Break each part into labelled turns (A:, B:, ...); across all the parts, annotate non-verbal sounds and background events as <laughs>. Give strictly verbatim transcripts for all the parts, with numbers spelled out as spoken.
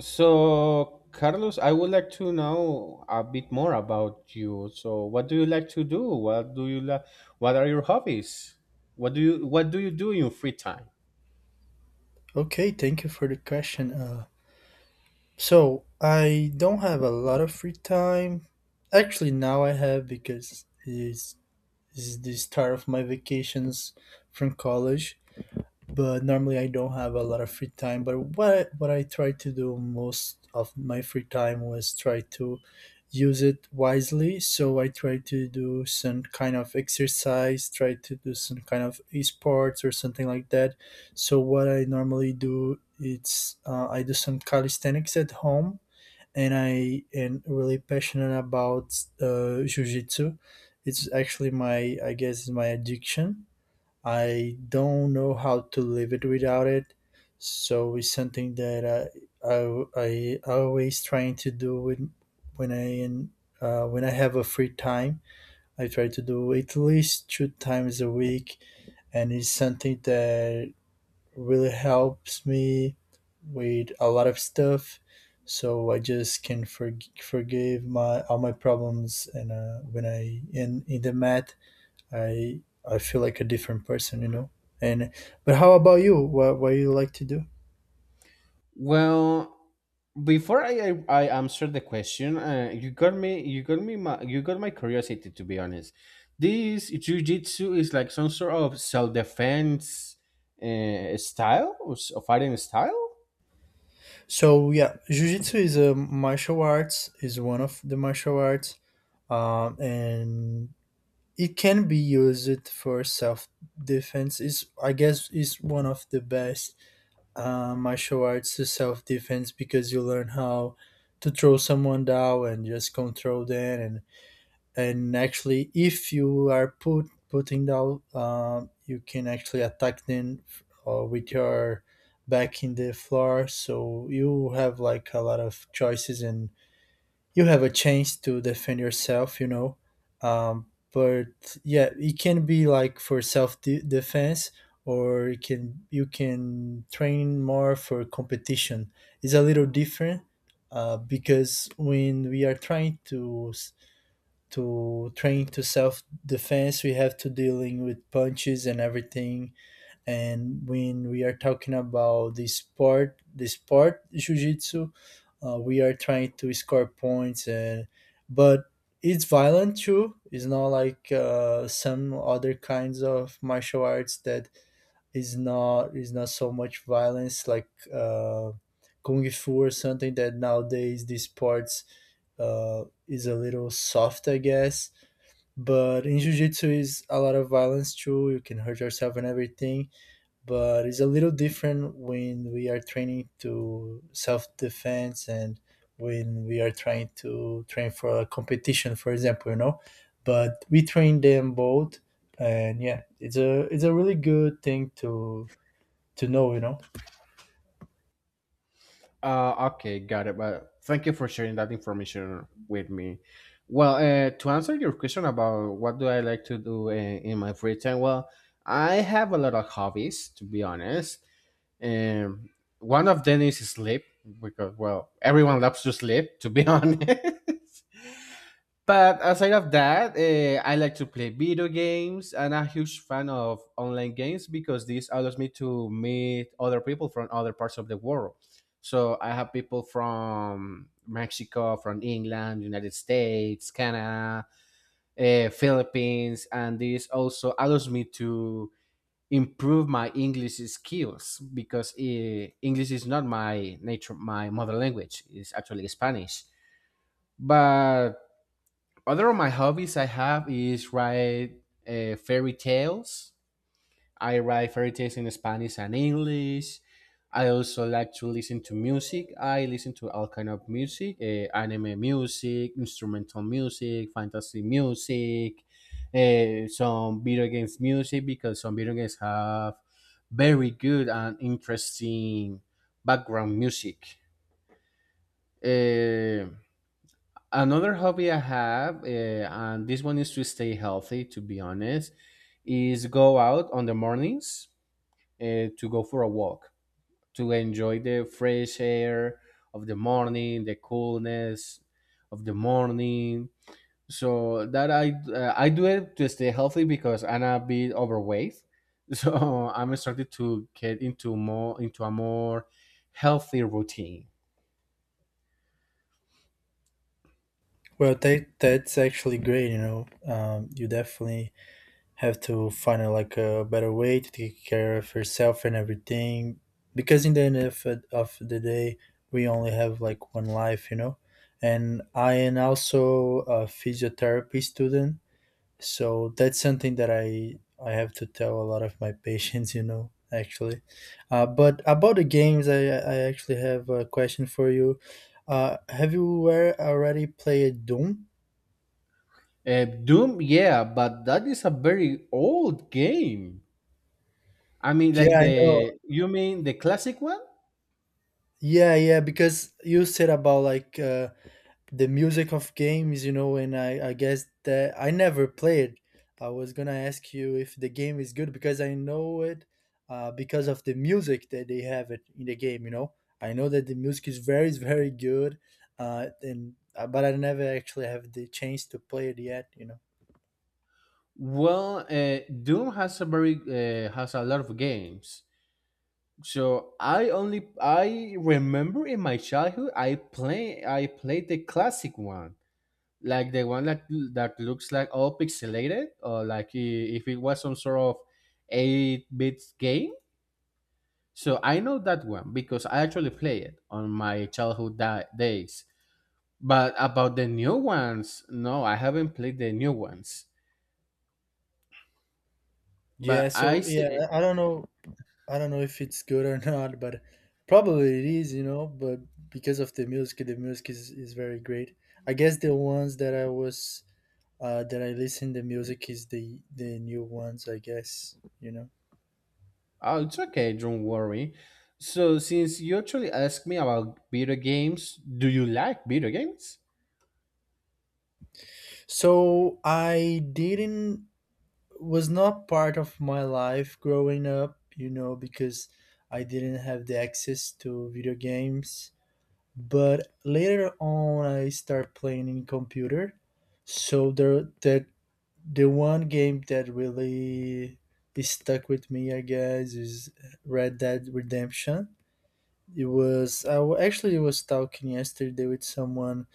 A: So, Carlos, I would like to know a bit more about you. So, what do you like to do? What do you like? What are your hobbies? What do you What do you do in your free time?
B: Okay, thank you for the question. Uh, so I don't have a lot of free time. Actually, now I have because it's, it's the start of my vacations from college, but normally I don't have a lot of free time. But what what I try to do most of my free time was try to use it wisely. So I try to do some kind of exercise, try to do some kind of esports or something like that. So what I normally do it's uh, I do some calisthenics at home, and I am really passionate about uh, jujitsu. It's actually my, I guess, my addiction. I don't know how to live it without it. So it's something that I I, I always trying to do with when I in uh, when I have a free time. I try to do at least two times a week, and it's something that really helps me with a lot of stuff. So I just can forg- forgive my all my problems, and uh, when I in in the mat, I I feel like a different person, you know. And but how about you? What what you like to do?
A: Well, before I I, I answer the question, uh, you got me you got me my you got my curiosity, to be honest. This jujitsu is like some sort of self defense uh, style or s- or fighting style.
B: So yeah, jujitsu is a martial arts. Is one of the martial arts, um, and it can be used for self defense. Is, I guess, is one of the best uh, martial arts to self defense, because you learn how to throw someone down and just control them, and and actually if you are put putting down, um, you can actually attack them uh, with your back in the floor, so you have like a lot of choices and you have a chance to defend yourself, you know. um, but yeah, it can be like for self de- defense, or it can, you can train more for competition. It's a little different uh, because when we are trying to to train to self defense we have to dealing with punches and everything. And when we are talking about the sport, the sport jiu-jitsu, uh, we are trying to score points and, but it's violent too. It's not like uh, some other kinds of martial arts that is not, is not so much violence, like uh, kung fu or something, that nowadays these sports uh, is a little soft, I guess. But in jiu-jitsu is a lot of violence too, you can hurt yourself and everything. But it's a little different when we are training to self-defense and when we are trying to train for a competition, for example, you know. But we train them both, and yeah, it's a, it's a really good thing to to know, you know.
A: Uh, okay, got it. But thank you for sharing that information with me. Well, uh, to answer your question about what do I like to do in, in my free time, well, I have a lot of hobbies, to be honest. Um, One of them is sleep because, well, everyone loves to sleep, to be <laughs> honest. But aside of that, uh, I like to play video games, and I'm a huge fan of online games because this allows me to meet other people from other parts of the world. So I have people from Mexico, from England, United States, Canada, uh, Philippines, and this also allows me to improve my English skills because uh, English is not my nature, my mother language. It's actually Spanish, but other of my hobbies I have is write uh, fairy tales. I write fairy tales in Spanish and English. I also like to listen to music. I listen to all kind of music, uh, anime music, instrumental music, fantasy music, uh, some video games music because some video games have very good and interesting background music. Uh, Another hobby I have, uh, and this one is to stay healthy, to be honest, is go out on the mornings uh, to go for a walk, to enjoy the fresh air of the morning, the coolness of the morning. So that I uh, I do it to stay healthy because I'm a bit overweight, <laughs> so I'm starting to get into more into a more healthy routine.
B: Well, that that's actually great, you know. Um, you definitely have to find uh, like a better way to take care of herself and everything, because in the end of, of the day, we only have like one life, you know. And I am also a physiotherapy student, so that's something that i i have to tell a lot of my <laughs> patients, you know, actually. Uh, but about the games, i i actually have a question for you. Uh, have you were- already played Doom?
A: Uh, Doom, yeah, but that is a very old game. I mean, like
B: Yeah, I know.
A: the you mean the classic one?
B: Yeah, yeah, because you said about like uh, the music of games, you know, and I, I guess that I never played. I was gonna ask you if the game is good because I know it uh, because of the music that they have it in the game. You know, I know that the music is very very good, uh, and uh, but I never actually have the chance to play it yet. You know.
A: Well, uh, Doom has a very uh, has a lot of games. So I only I remember in my childhood I play I played the classic one, like the one that that looks like all pixelated, or like i- if it was some sort of eight bit game. So I know that one because I actually play it on my childhood da- days. But about the new ones, no, I haven't played the new ones.
B: Yeah.
A: But I
B: So yeah,
A: see.
B: I I don't know. I don't know if it's good or <laughs> not, but probably it is. You know, but because of the music, the music is is very great. I guess the ones that I was uh, that I listen the music is the the new ones, I guess, you know.
A: Oh, it's okay. Don't worry. So, since you actually asked me about video games, do you like video games?
B: So I didn't, was not part of my life growing up, you know, because I didn't have the access to video games. But later on, I start playing in computer. So the that the one game that really is stuck with me, I guess, is Red Dead Redemption. It was, I wa- actually was talking yesterday with someone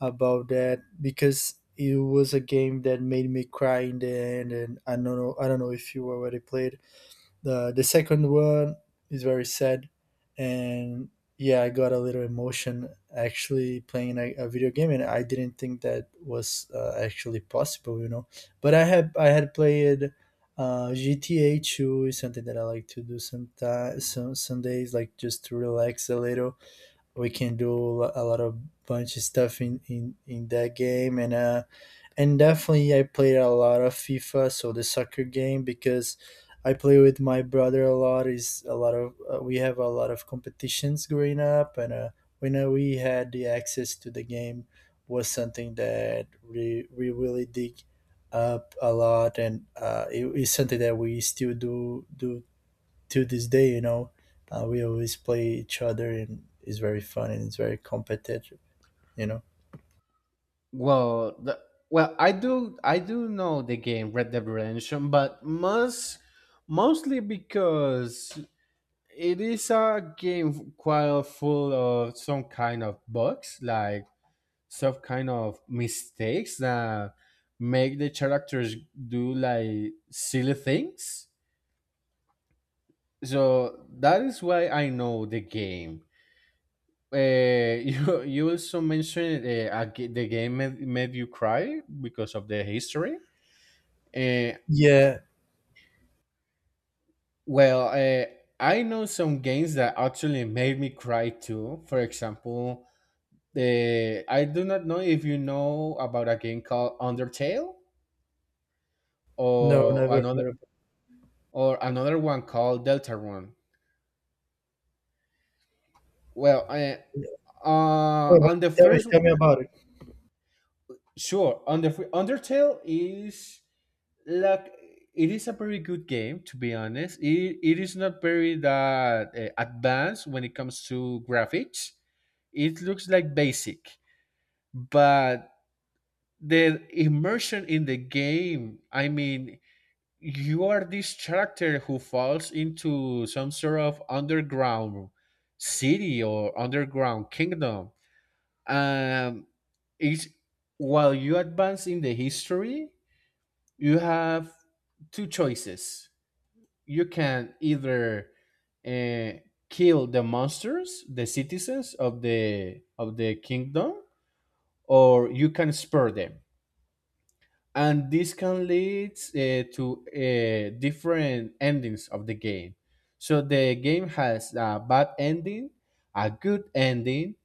B: about that, because it was a game that made me cry in the end, and I don't know, I don't know if you already played the the second one. Is very sad. And yeah, I got a little emotion actually playing a, a video game, and I didn't think that was uh, actually possible, you know. But I had, I had played uh, gta two. Is something that I like to do sometimes, some, some days, like just to relax a little. We can do a lot of, bunch of stuff in in in that game. And uh and definitely I played a lot of FIFA, so the soccer game, because I play with my brother a lot. Is a lot of uh, we have a lot of competitions growing up, and uh, when uh, we had the access to the game, was something that we we really dig up a lot, and uh, it is something that we still do do to this day. You know, uh, we always play each other, and it's very fun and it's very competitive. You know.
A: Well, the, well, I do. I do know the game Red Dead Redemption, but most mostly because it is a game quite full of some kind of bugs, like some kind of mistakes that make the characters do like silly things. So that is why I know the game. Uh, <laughs> you you also mentioned uh, a g- the game made, made you cry because of the history. Uh,
B: Yeah.
A: well, uh, I know some games that actually made me cry too. For example, the I do not know if you know about a game called Undertale,
B: No,
A: or
B: never
A: another
B: heard of.
A: or another one called Delta Run. Well, I, uh,
B: Oh, but
A: on the
B: tell me,
A: first,
B: tell me about it.
A: sure, on the fir- Undertale is like, it is a very good game, to be honest. It, it is not very that uh, advanced when it comes to graphics. It looks like basic, but the immersion in the game. I mean, you are this character who falls into some sort of underground city or underground kingdom. Um, it's While you advance in the history, you have two choices. You can either uh, kill the monsters, the citizens of the of the kingdom, or you can spare them. And this can lead uh, to uh, different endings of the game. So the game has a bad ending, a good ending,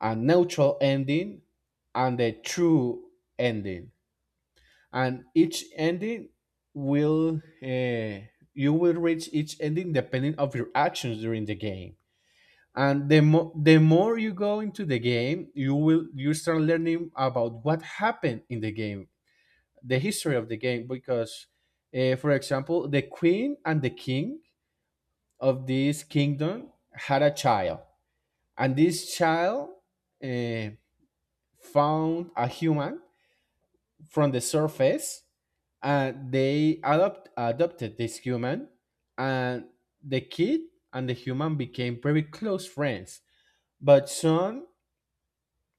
A: a neutral ending, and a true ending. And each ending will uh, you will reach each ending depending of your actions during the game. And the mo- the more you go into the game, you will you start learning about what happened in the game, the history of the game, because, uh, for example, the queen and the king of this kingdom had a child, and this child uh, found a human from the surface, and they adopt adopted this human, and the kid and the human became very close friends. But soon,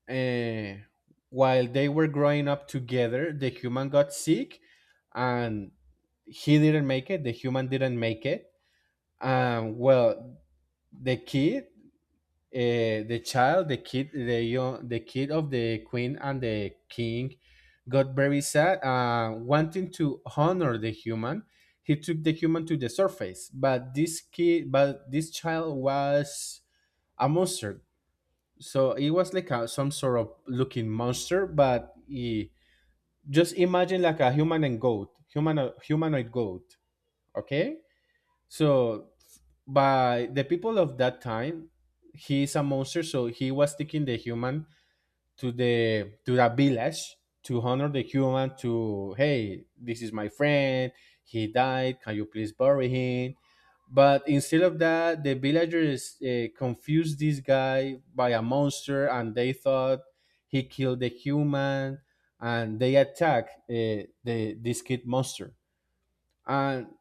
A: uh, while they were growing up together, the human got sick, and he didn't make it, the human didn't make it. Um, well, the kid, uh, the child, the kid, the young, the kid of the queen and the king, got very sad, uh, wanting to honor the human. He took the human to the surface, but this kid, but this child was a monster. So it was like a, some sort of looking monster, but he, just imagine like a human and goat, human humanoid goat. Okay. So by the people of that time, he is a monster, so he was taking the human to the to the village to honor the human, to hey, this is my friend, he died, can you please bury him? But instead of that, the villagers uh, confused this guy by a monster, and they thought he killed the human, and they attacked uh, the this kid monster. And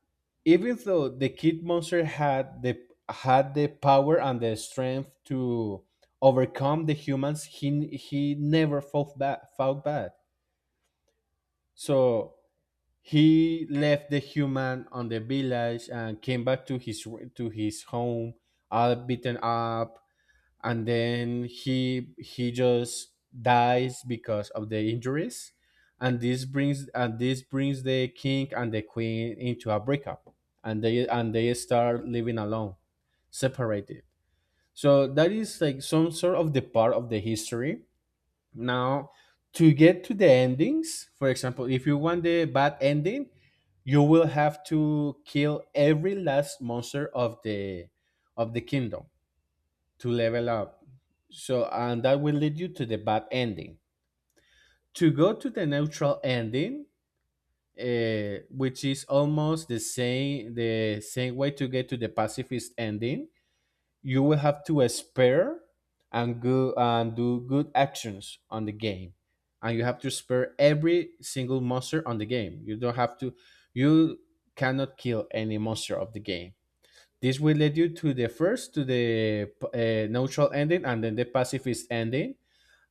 A: even though the kid monster had the had the power and the strength to overcome the humans, he he never fought back fought back, so he left the human on the village and came back to his to his home all beaten up, and then he he just dies because of the injuries. And this brings and this brings the king and the queen into a breakup, and they and they start living alone, separated. So that is like some sort of the part of the history. Now, to get to the endings, for example, if you want the bad ending, you will have to kill every last monster of the of the kingdom to level up. So, and that will lead you to the bad ending. To go to the neutral ending, uh, which is almost the same the same way to get to the pacifist ending, you will have to spare and go and do good actions on the game, and you have to spare every single monster on the game. You don't have to, you cannot kill any monster of the game. This will lead you to the first, to the uh, neutral ending, and then the pacifist ending.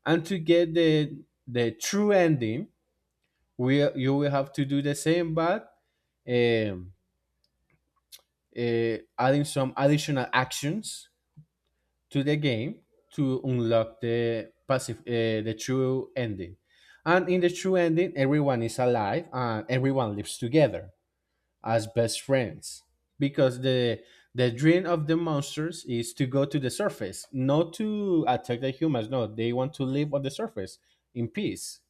A: And to get the the true ending, we you will have to do the same, but um, uh, adding some additional actions to the game to unlock the passive, uh, the true ending. And in the true ending, everyone is alive and everyone lives together as best friends, because the the dream of the monsters is to go to the surface, not to attack the humans, no, they want to live on the surface in peace.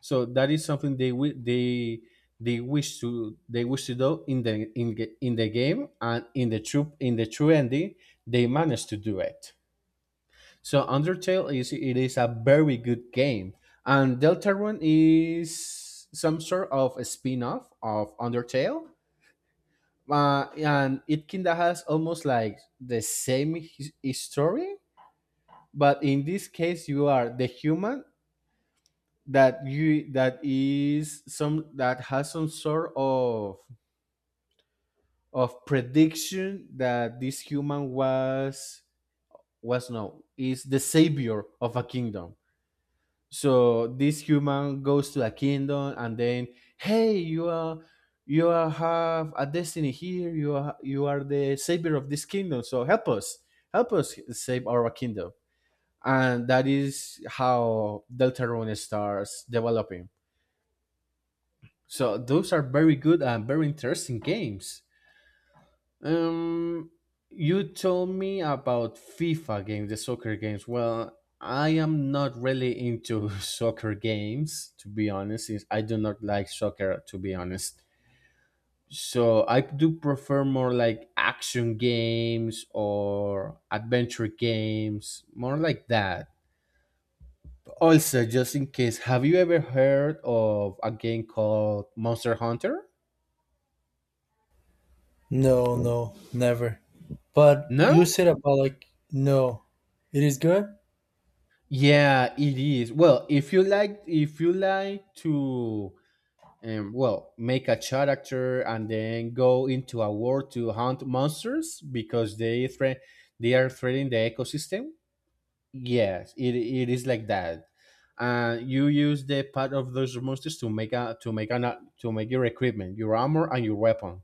A: So that is something they wi- they they wish to, they wish to do in the in, ga- in the game, and in the true in the true ending they managed to do it. So undertale is it is a very good game. And deltarune is some sort of a spin-off of undertale, uh, and it kinda has almost like the same his- history, but in this case, you are the human that you that is some that has some sort of of prediction that this human was, was no, is the savior of a kingdom. So this human goes to a kingdom, and then, hey, you are you are have a destiny here, you are you are the savior of this kingdom, so help us help us save our kingdom. And that is how deltarune starts developing. So those are very good and very interesting games. Um, you told me about FIFA games, the soccer games. Well, I am not really into <laughs> soccer games, to be honest, since I do not like soccer, to be honest. So I do prefer more like action games or adventure games, more like that. Also, just in case, have you ever heard of a game called Monster Hunter?
B: No, no, never. But you
A: No?
B: said about like, no, it is good.
A: Yeah, it is. Well, if you like, if you like to, um, well, make a character and then go into a war to hunt monsters because they threat, they are threatening the ecosystem. Yes, it, it is like that. Uh, you use the part of those monsters to make a to make an to make your equipment, your armor, and your weapon.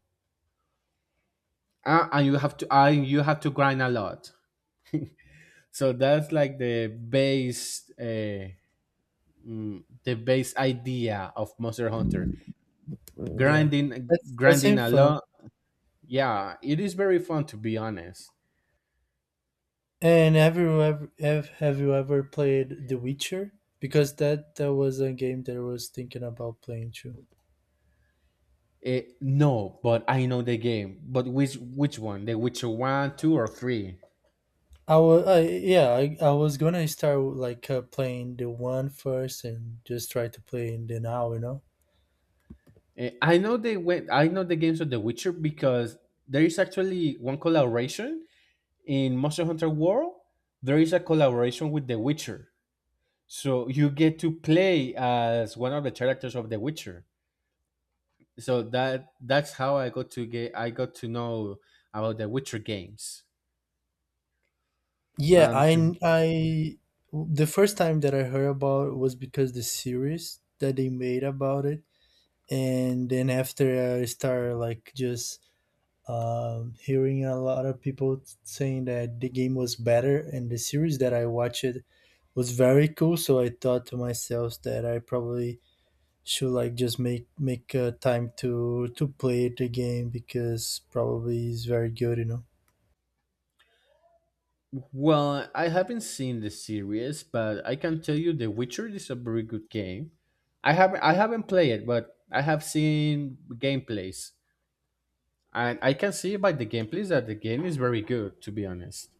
A: Uh, and you have to, and you have to grind a lot. <laughs> So that's like the base. Uh, mm, the base idea of Monster Hunter.
B: Yeah,
A: Grinding,
B: that's, that
A: grinding
B: seems
A: a
B: fun.
A: lot. Yeah, it is very fun, to be honest.
B: And have you ever have, have you ever played The Witcher? Because that, that was a game that I was thinking about playing too.
A: Eh, no, but I know the game. But which which one? The Witcher one, two, or three?
B: I was I, yeah, I, I was gonna start like uh, playing the one first and just try to play in the now, you know.
A: Eh, I know they went. I know the games of The Witcher because there is actually one collaboration in Monster Hunter World. There is a collaboration with The Witcher, so you get to play as one of the characters of The Witcher. So that that's how I got to get I got to know about the Witcher games.
B: Yeah,
A: Um,
B: I
A: to
B: I the first time that I heard about it was because the series that they made about it, and then after I started like just um, hearing a lot of people saying that the game was better, and the series that I watched was very cool. So I thought to myself that I probably should like just make make uh, time to to play the game because probably it's very good, you know.
A: Well, I haven't seen the series, but I can tell you, The Witcher is a very good game. I haven't I haven't played it, but I have seen gameplays, and I can see by the gameplays that the game is very good, to be honest.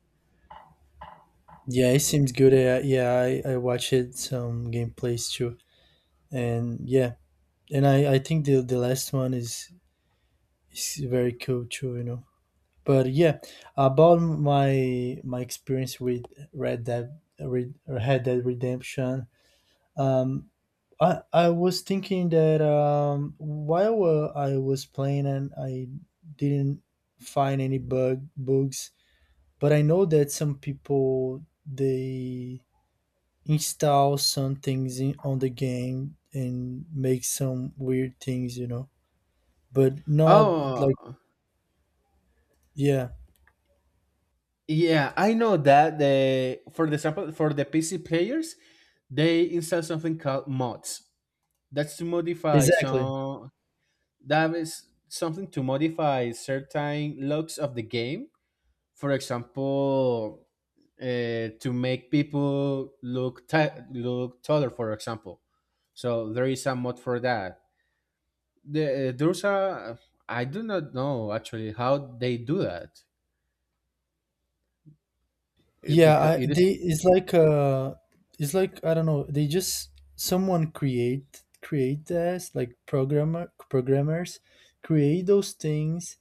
B: Yeah, it seems good. I, yeah, I, I watched it, some gameplays too, and yeah, and I, I think the the last one is is very cool too, you know. But yeah, about my my experience with Red Dead Red, Red Dead Redemption, um, I I was thinking that um while uh, I was playing and I didn't find any bug bugs, but I know that some people they install some things in, on the game and make some weird things, you know, but not
A: Oh,
B: like, yeah,
A: yeah, I know that the for the sample, for the P C players, they install something called mods. That's to modify
B: exactly.
A: some that is something to modify certain looks of the game. For example, uh, to make people look ta- look taller. For example, so there is a mod for that. The, eh, there's a I do not know actually how they do that, It-
B: Yeah,
A: because
B: I
A: it is...
B: they it's like uh it's like I don't know, they just, someone create create this, like, programmer, programmers create those things.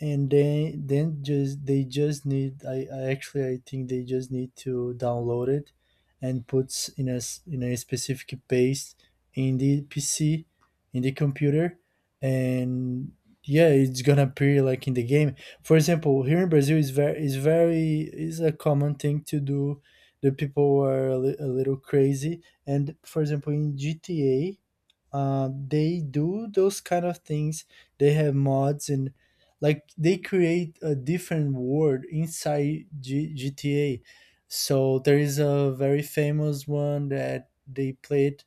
B: And then then just, they just need, I, I actually I think they just need to download it and puts in a s- in a specific paste in the P C, in the computer, and yeah, it's gonna appear like in the game. For example, here in Brazil is very, is very, is a common thing to do. The people are a, li- a little crazy, and for example in G T A, uh, they do those kind of things. They have mods and, like, they create a different world inside G- GTA. So there is a very famous one that they played,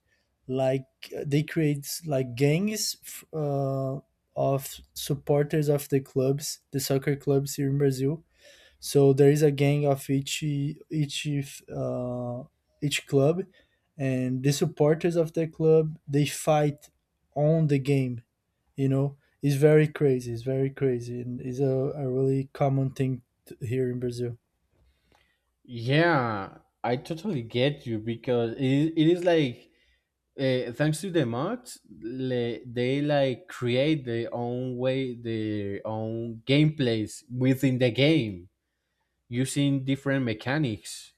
B: like, they create like gangs f- uh, of supporters of the clubs, the soccer clubs here in Brazil. So there is a gang of each each uh, each club, and the supporters of the club they fight on the game, you know. It's very crazy, it's very crazy, and it's a, a really common thing t- here in Brazil.
A: Yeah, I totally get you because it, it is like, uh, thanks to the mods, le- they like create their own way, their own gameplays within the game using different mechanics.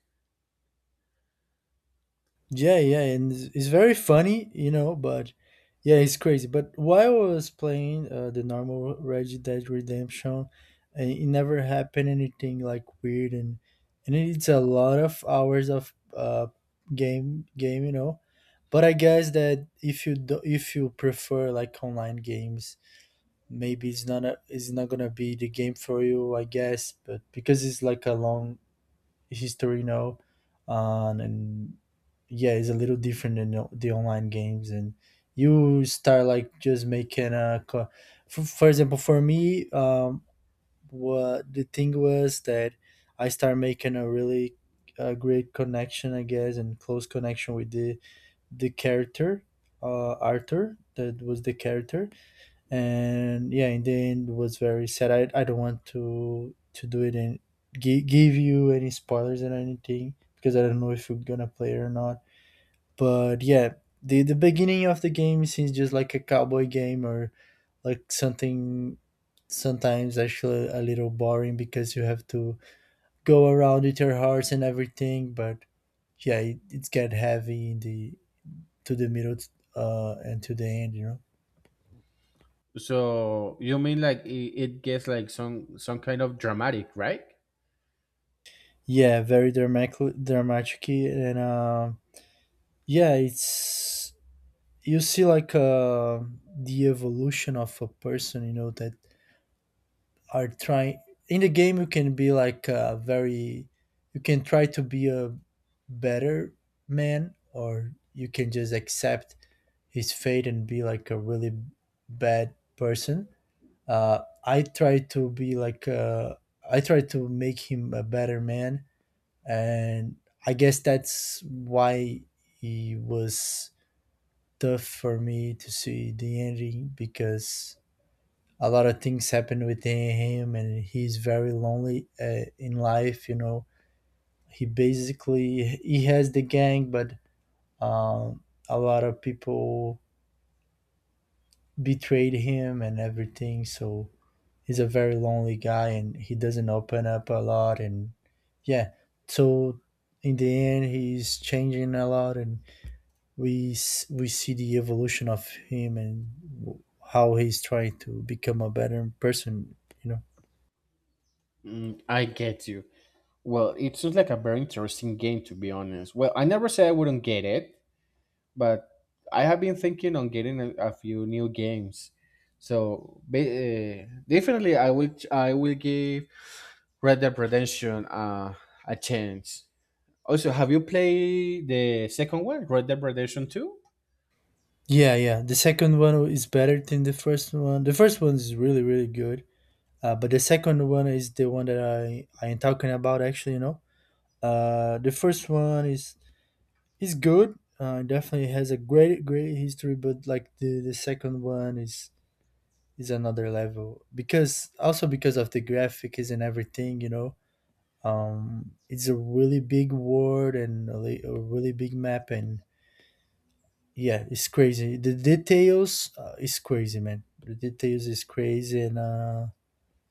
B: Yeah, yeah. And it's, it's very funny, you know, but yeah, it's crazy. But while I was playing uh, the normal Red Dead Redemption, uh, it never happened anything like weird. and and it's a lot of hours of uh game game, you know. But I guess that if you do, if you prefer like online games, maybe it's not a, it's not gonna be the game for you, I guess. But because it's like a long history now, um, and yeah, it's a little different than the the online games. And you start like just making a, co- for, for example, for me, um, what the thing was that I started making a really uh, great connection, I guess, and close connection with the the character, uh, Arthur. That was the character. And yeah, in the end it was very sad. i, I don't want to to do it and gi- give you any spoilers and anything because I don't know if you're gonna play it or not, but yeah, the the beginning of the game seems just like a cowboy game or like something. Sometimes actually a little boring because you have to go around with your hearts and everything, but yeah, it, it's get heavy in the to the middle, uh and to the end you know
A: So you mean like it, it gets like some some kind of dramatic, right?
B: Yeah, very dramatic. Dramatic and um yeah, it's, you see like uh the evolution of a person, you know, that are trying. In the game you can be like a very, you can try to be a better man, or you can just accept his fate and be like a really bad person. uh I try to be like uh I try to make him a better man. And I guess that's why he was tough for me to see the ending, because a lot of things happen within him and he's very lonely uh, in life, you know. He basically he has the gang, but um, a lot of people betrayed him and everything, so he's a very lonely guy and he doesn't open up a lot. And yeah, so in the end he's changing a lot. And we s- we see the evolution of him and w- how he's trying to become a better person, you know.
A: Mm, I get you. Well, it's just like a very interesting game, to be honest. Well, I never said I wouldn't get it, but I have been thinking on getting a, a few new games. So ba- uh, definitely, I will. I will give Red Dead Redemption, uh, a chance. Also, have you played the second one, Red Dead Redemption two?
B: Yeah, yeah, the second one is better than the first one. The first one is really really good, uh, but the second one is the one that i i am talking about actually, you know. Uh the first one is is good. Uh definitely has a great great history, but like the the second one is is another level, because also because of the graphics and everything, you know. Um it's a really big world and a, li- a really big map. And yeah, it's crazy, the details, uh, is crazy, man. The details is crazy. And uh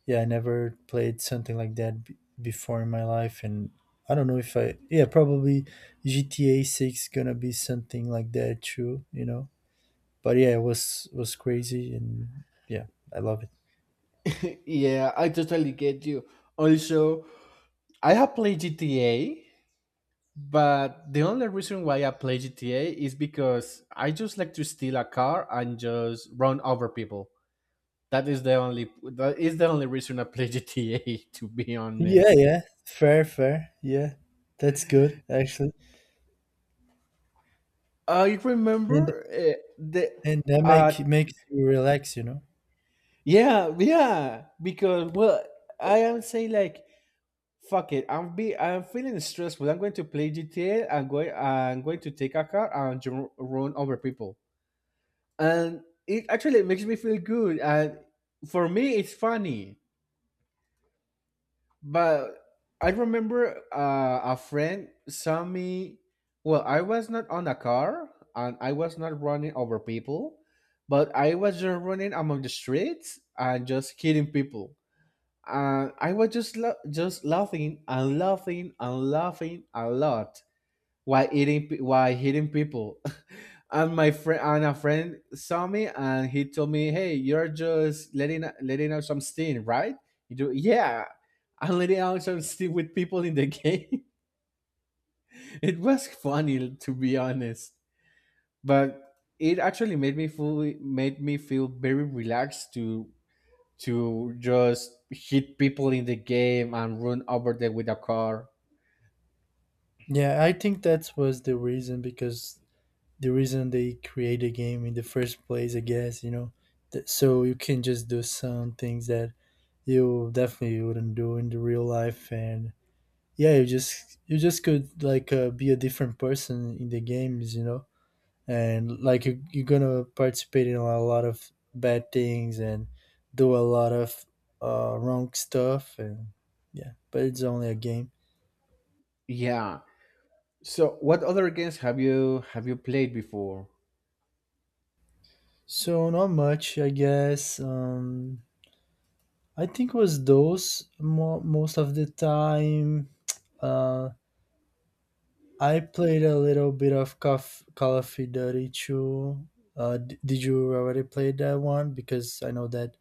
B: yeah, I never played something like that b- before in my life. And I don't know if i, yeah, probably GTA six gonna be something like that too, you know. But yeah, it was was crazy. And yeah, I love it.
A: <laughs> Yeah, I totally get you. Also, I have played G T A, but the only reason why I play G T A is because I just like to steal a car and just run over people. That is the only that is the only reason I play G T A, <laughs> to be
B: Yeah,
A: honest.
B: yeah, fair, fair, yeah, that's good actually.
A: I
B: And
A: remember uh, the
B: and that
A: I
B: make makes you relax, you know.
A: Yeah, yeah. Because, well, I am saying like, fuck it. I'm be I'm feeling stressed, but I'm going to play G T A. I'm going I'm going to take a car and ju- run over people, and it actually makes me feel good. And for me, it's funny. But I remember, uh, a friend saw me. Well, I was not on a car, and I was not running over people, but I was just running among the streets and just hitting people, and I was just la- just laughing and laughing and laughing a lot while eating pe- while hitting people. <laughs> and my friend and a friend saw me and he told me, "Hey, you're just letting letting out some steam, right?" You do, yeah. I'm letting out some steam with people in the game. <laughs> It was funny, to be honest, but it actually made me feel made me feel very relaxed to to just hit people in the game and run over them with a car.
B: Yeah, I think that was the reason, because the reason they create a game in the first place, I guess, you know, that, so you can just do some things that you definitely wouldn't do in the real life. And yeah, you just, you just could like, uh, be a different person in the games, you know. And like you, you're gonna participate in a lot of bad things and do a lot of uh, wrong stuff. And yeah, but it's only a game.
A: Yeah. So, what other games have you have you played before?
B: So not much, I guess. Um, I think was those mo- most of the time. Uh, I played a little bit of Cof- Call of Duty two. Uh, d- did you already play that one? Because I know that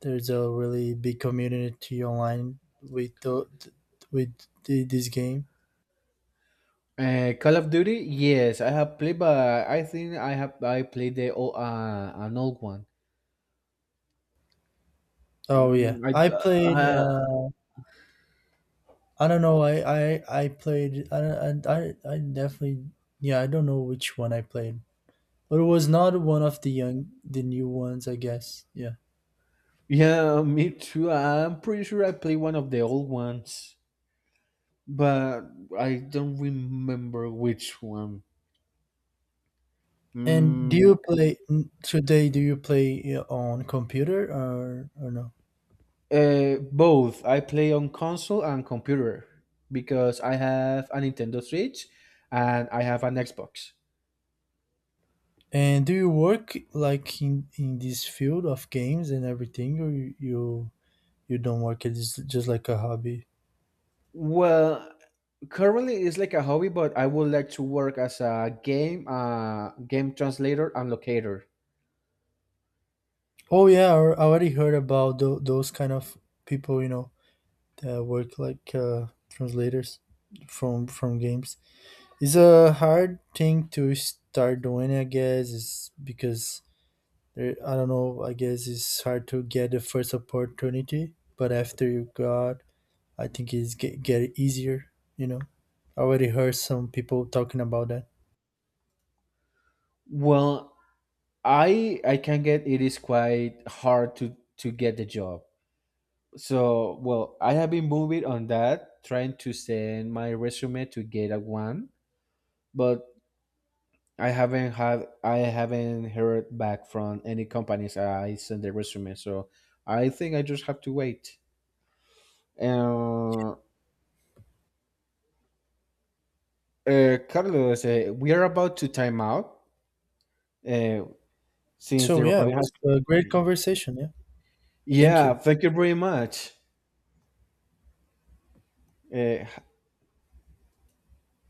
B: there's a really big community online with the, th- with the, this game.
A: Uh, Call of Duty? Yes, I have played, but I think I have I played the old, uh, an old one.
B: Oh
A: Mm,
B: yeah,
A: I,
B: I played.
A: uh,
B: Uh, I don't know. I I, I played. I, I I I definitely. Yeah, I don't know which one I played. But it was not one of the young, the new ones, I guess. Yeah.
A: yeah, me too. I'm pretty sure I played one of the old ones, but I don't remember which one.
B: And do
A: Mm,
B: you play n- today? Do you play uh, on computer or or no?
A: Uh, both. I play on console and computer because I have a Nintendo Switch and I have an Xbox.
B: And do you work like in in this field of games and everything, or you you, you don't work? It's just like a hobby.
A: Well, currently it's like a hobby, but I would like to work as a game uh, game translator and locator.
B: Oh yeah, I I already heard about tho- those kind of people, you know, that work like uh, translators from from games. It's a hard thing to start doing, I guess, is because, eh, I don't know, I guess it's hard to get the first opportunity, but after you got, I think it's get, get easier, you know. I already heard some people talking about that.
A: Well, I I can get it is quite hard to to get the job. So, well, I have been moving on that, trying to send my resume to get a one, but I haven't had I haven't heard back from any companies. I sent the resume, so I think I just have to wait. Uh, uh, Carlos, uh, we are about to time out, uh, since
B: So
A: the
B: yeah, it
A: recording
B: was
A: has...
B: a great conversation, yeah. Thank
A: Yeah,
B: you.
A: thank you very much. Uh,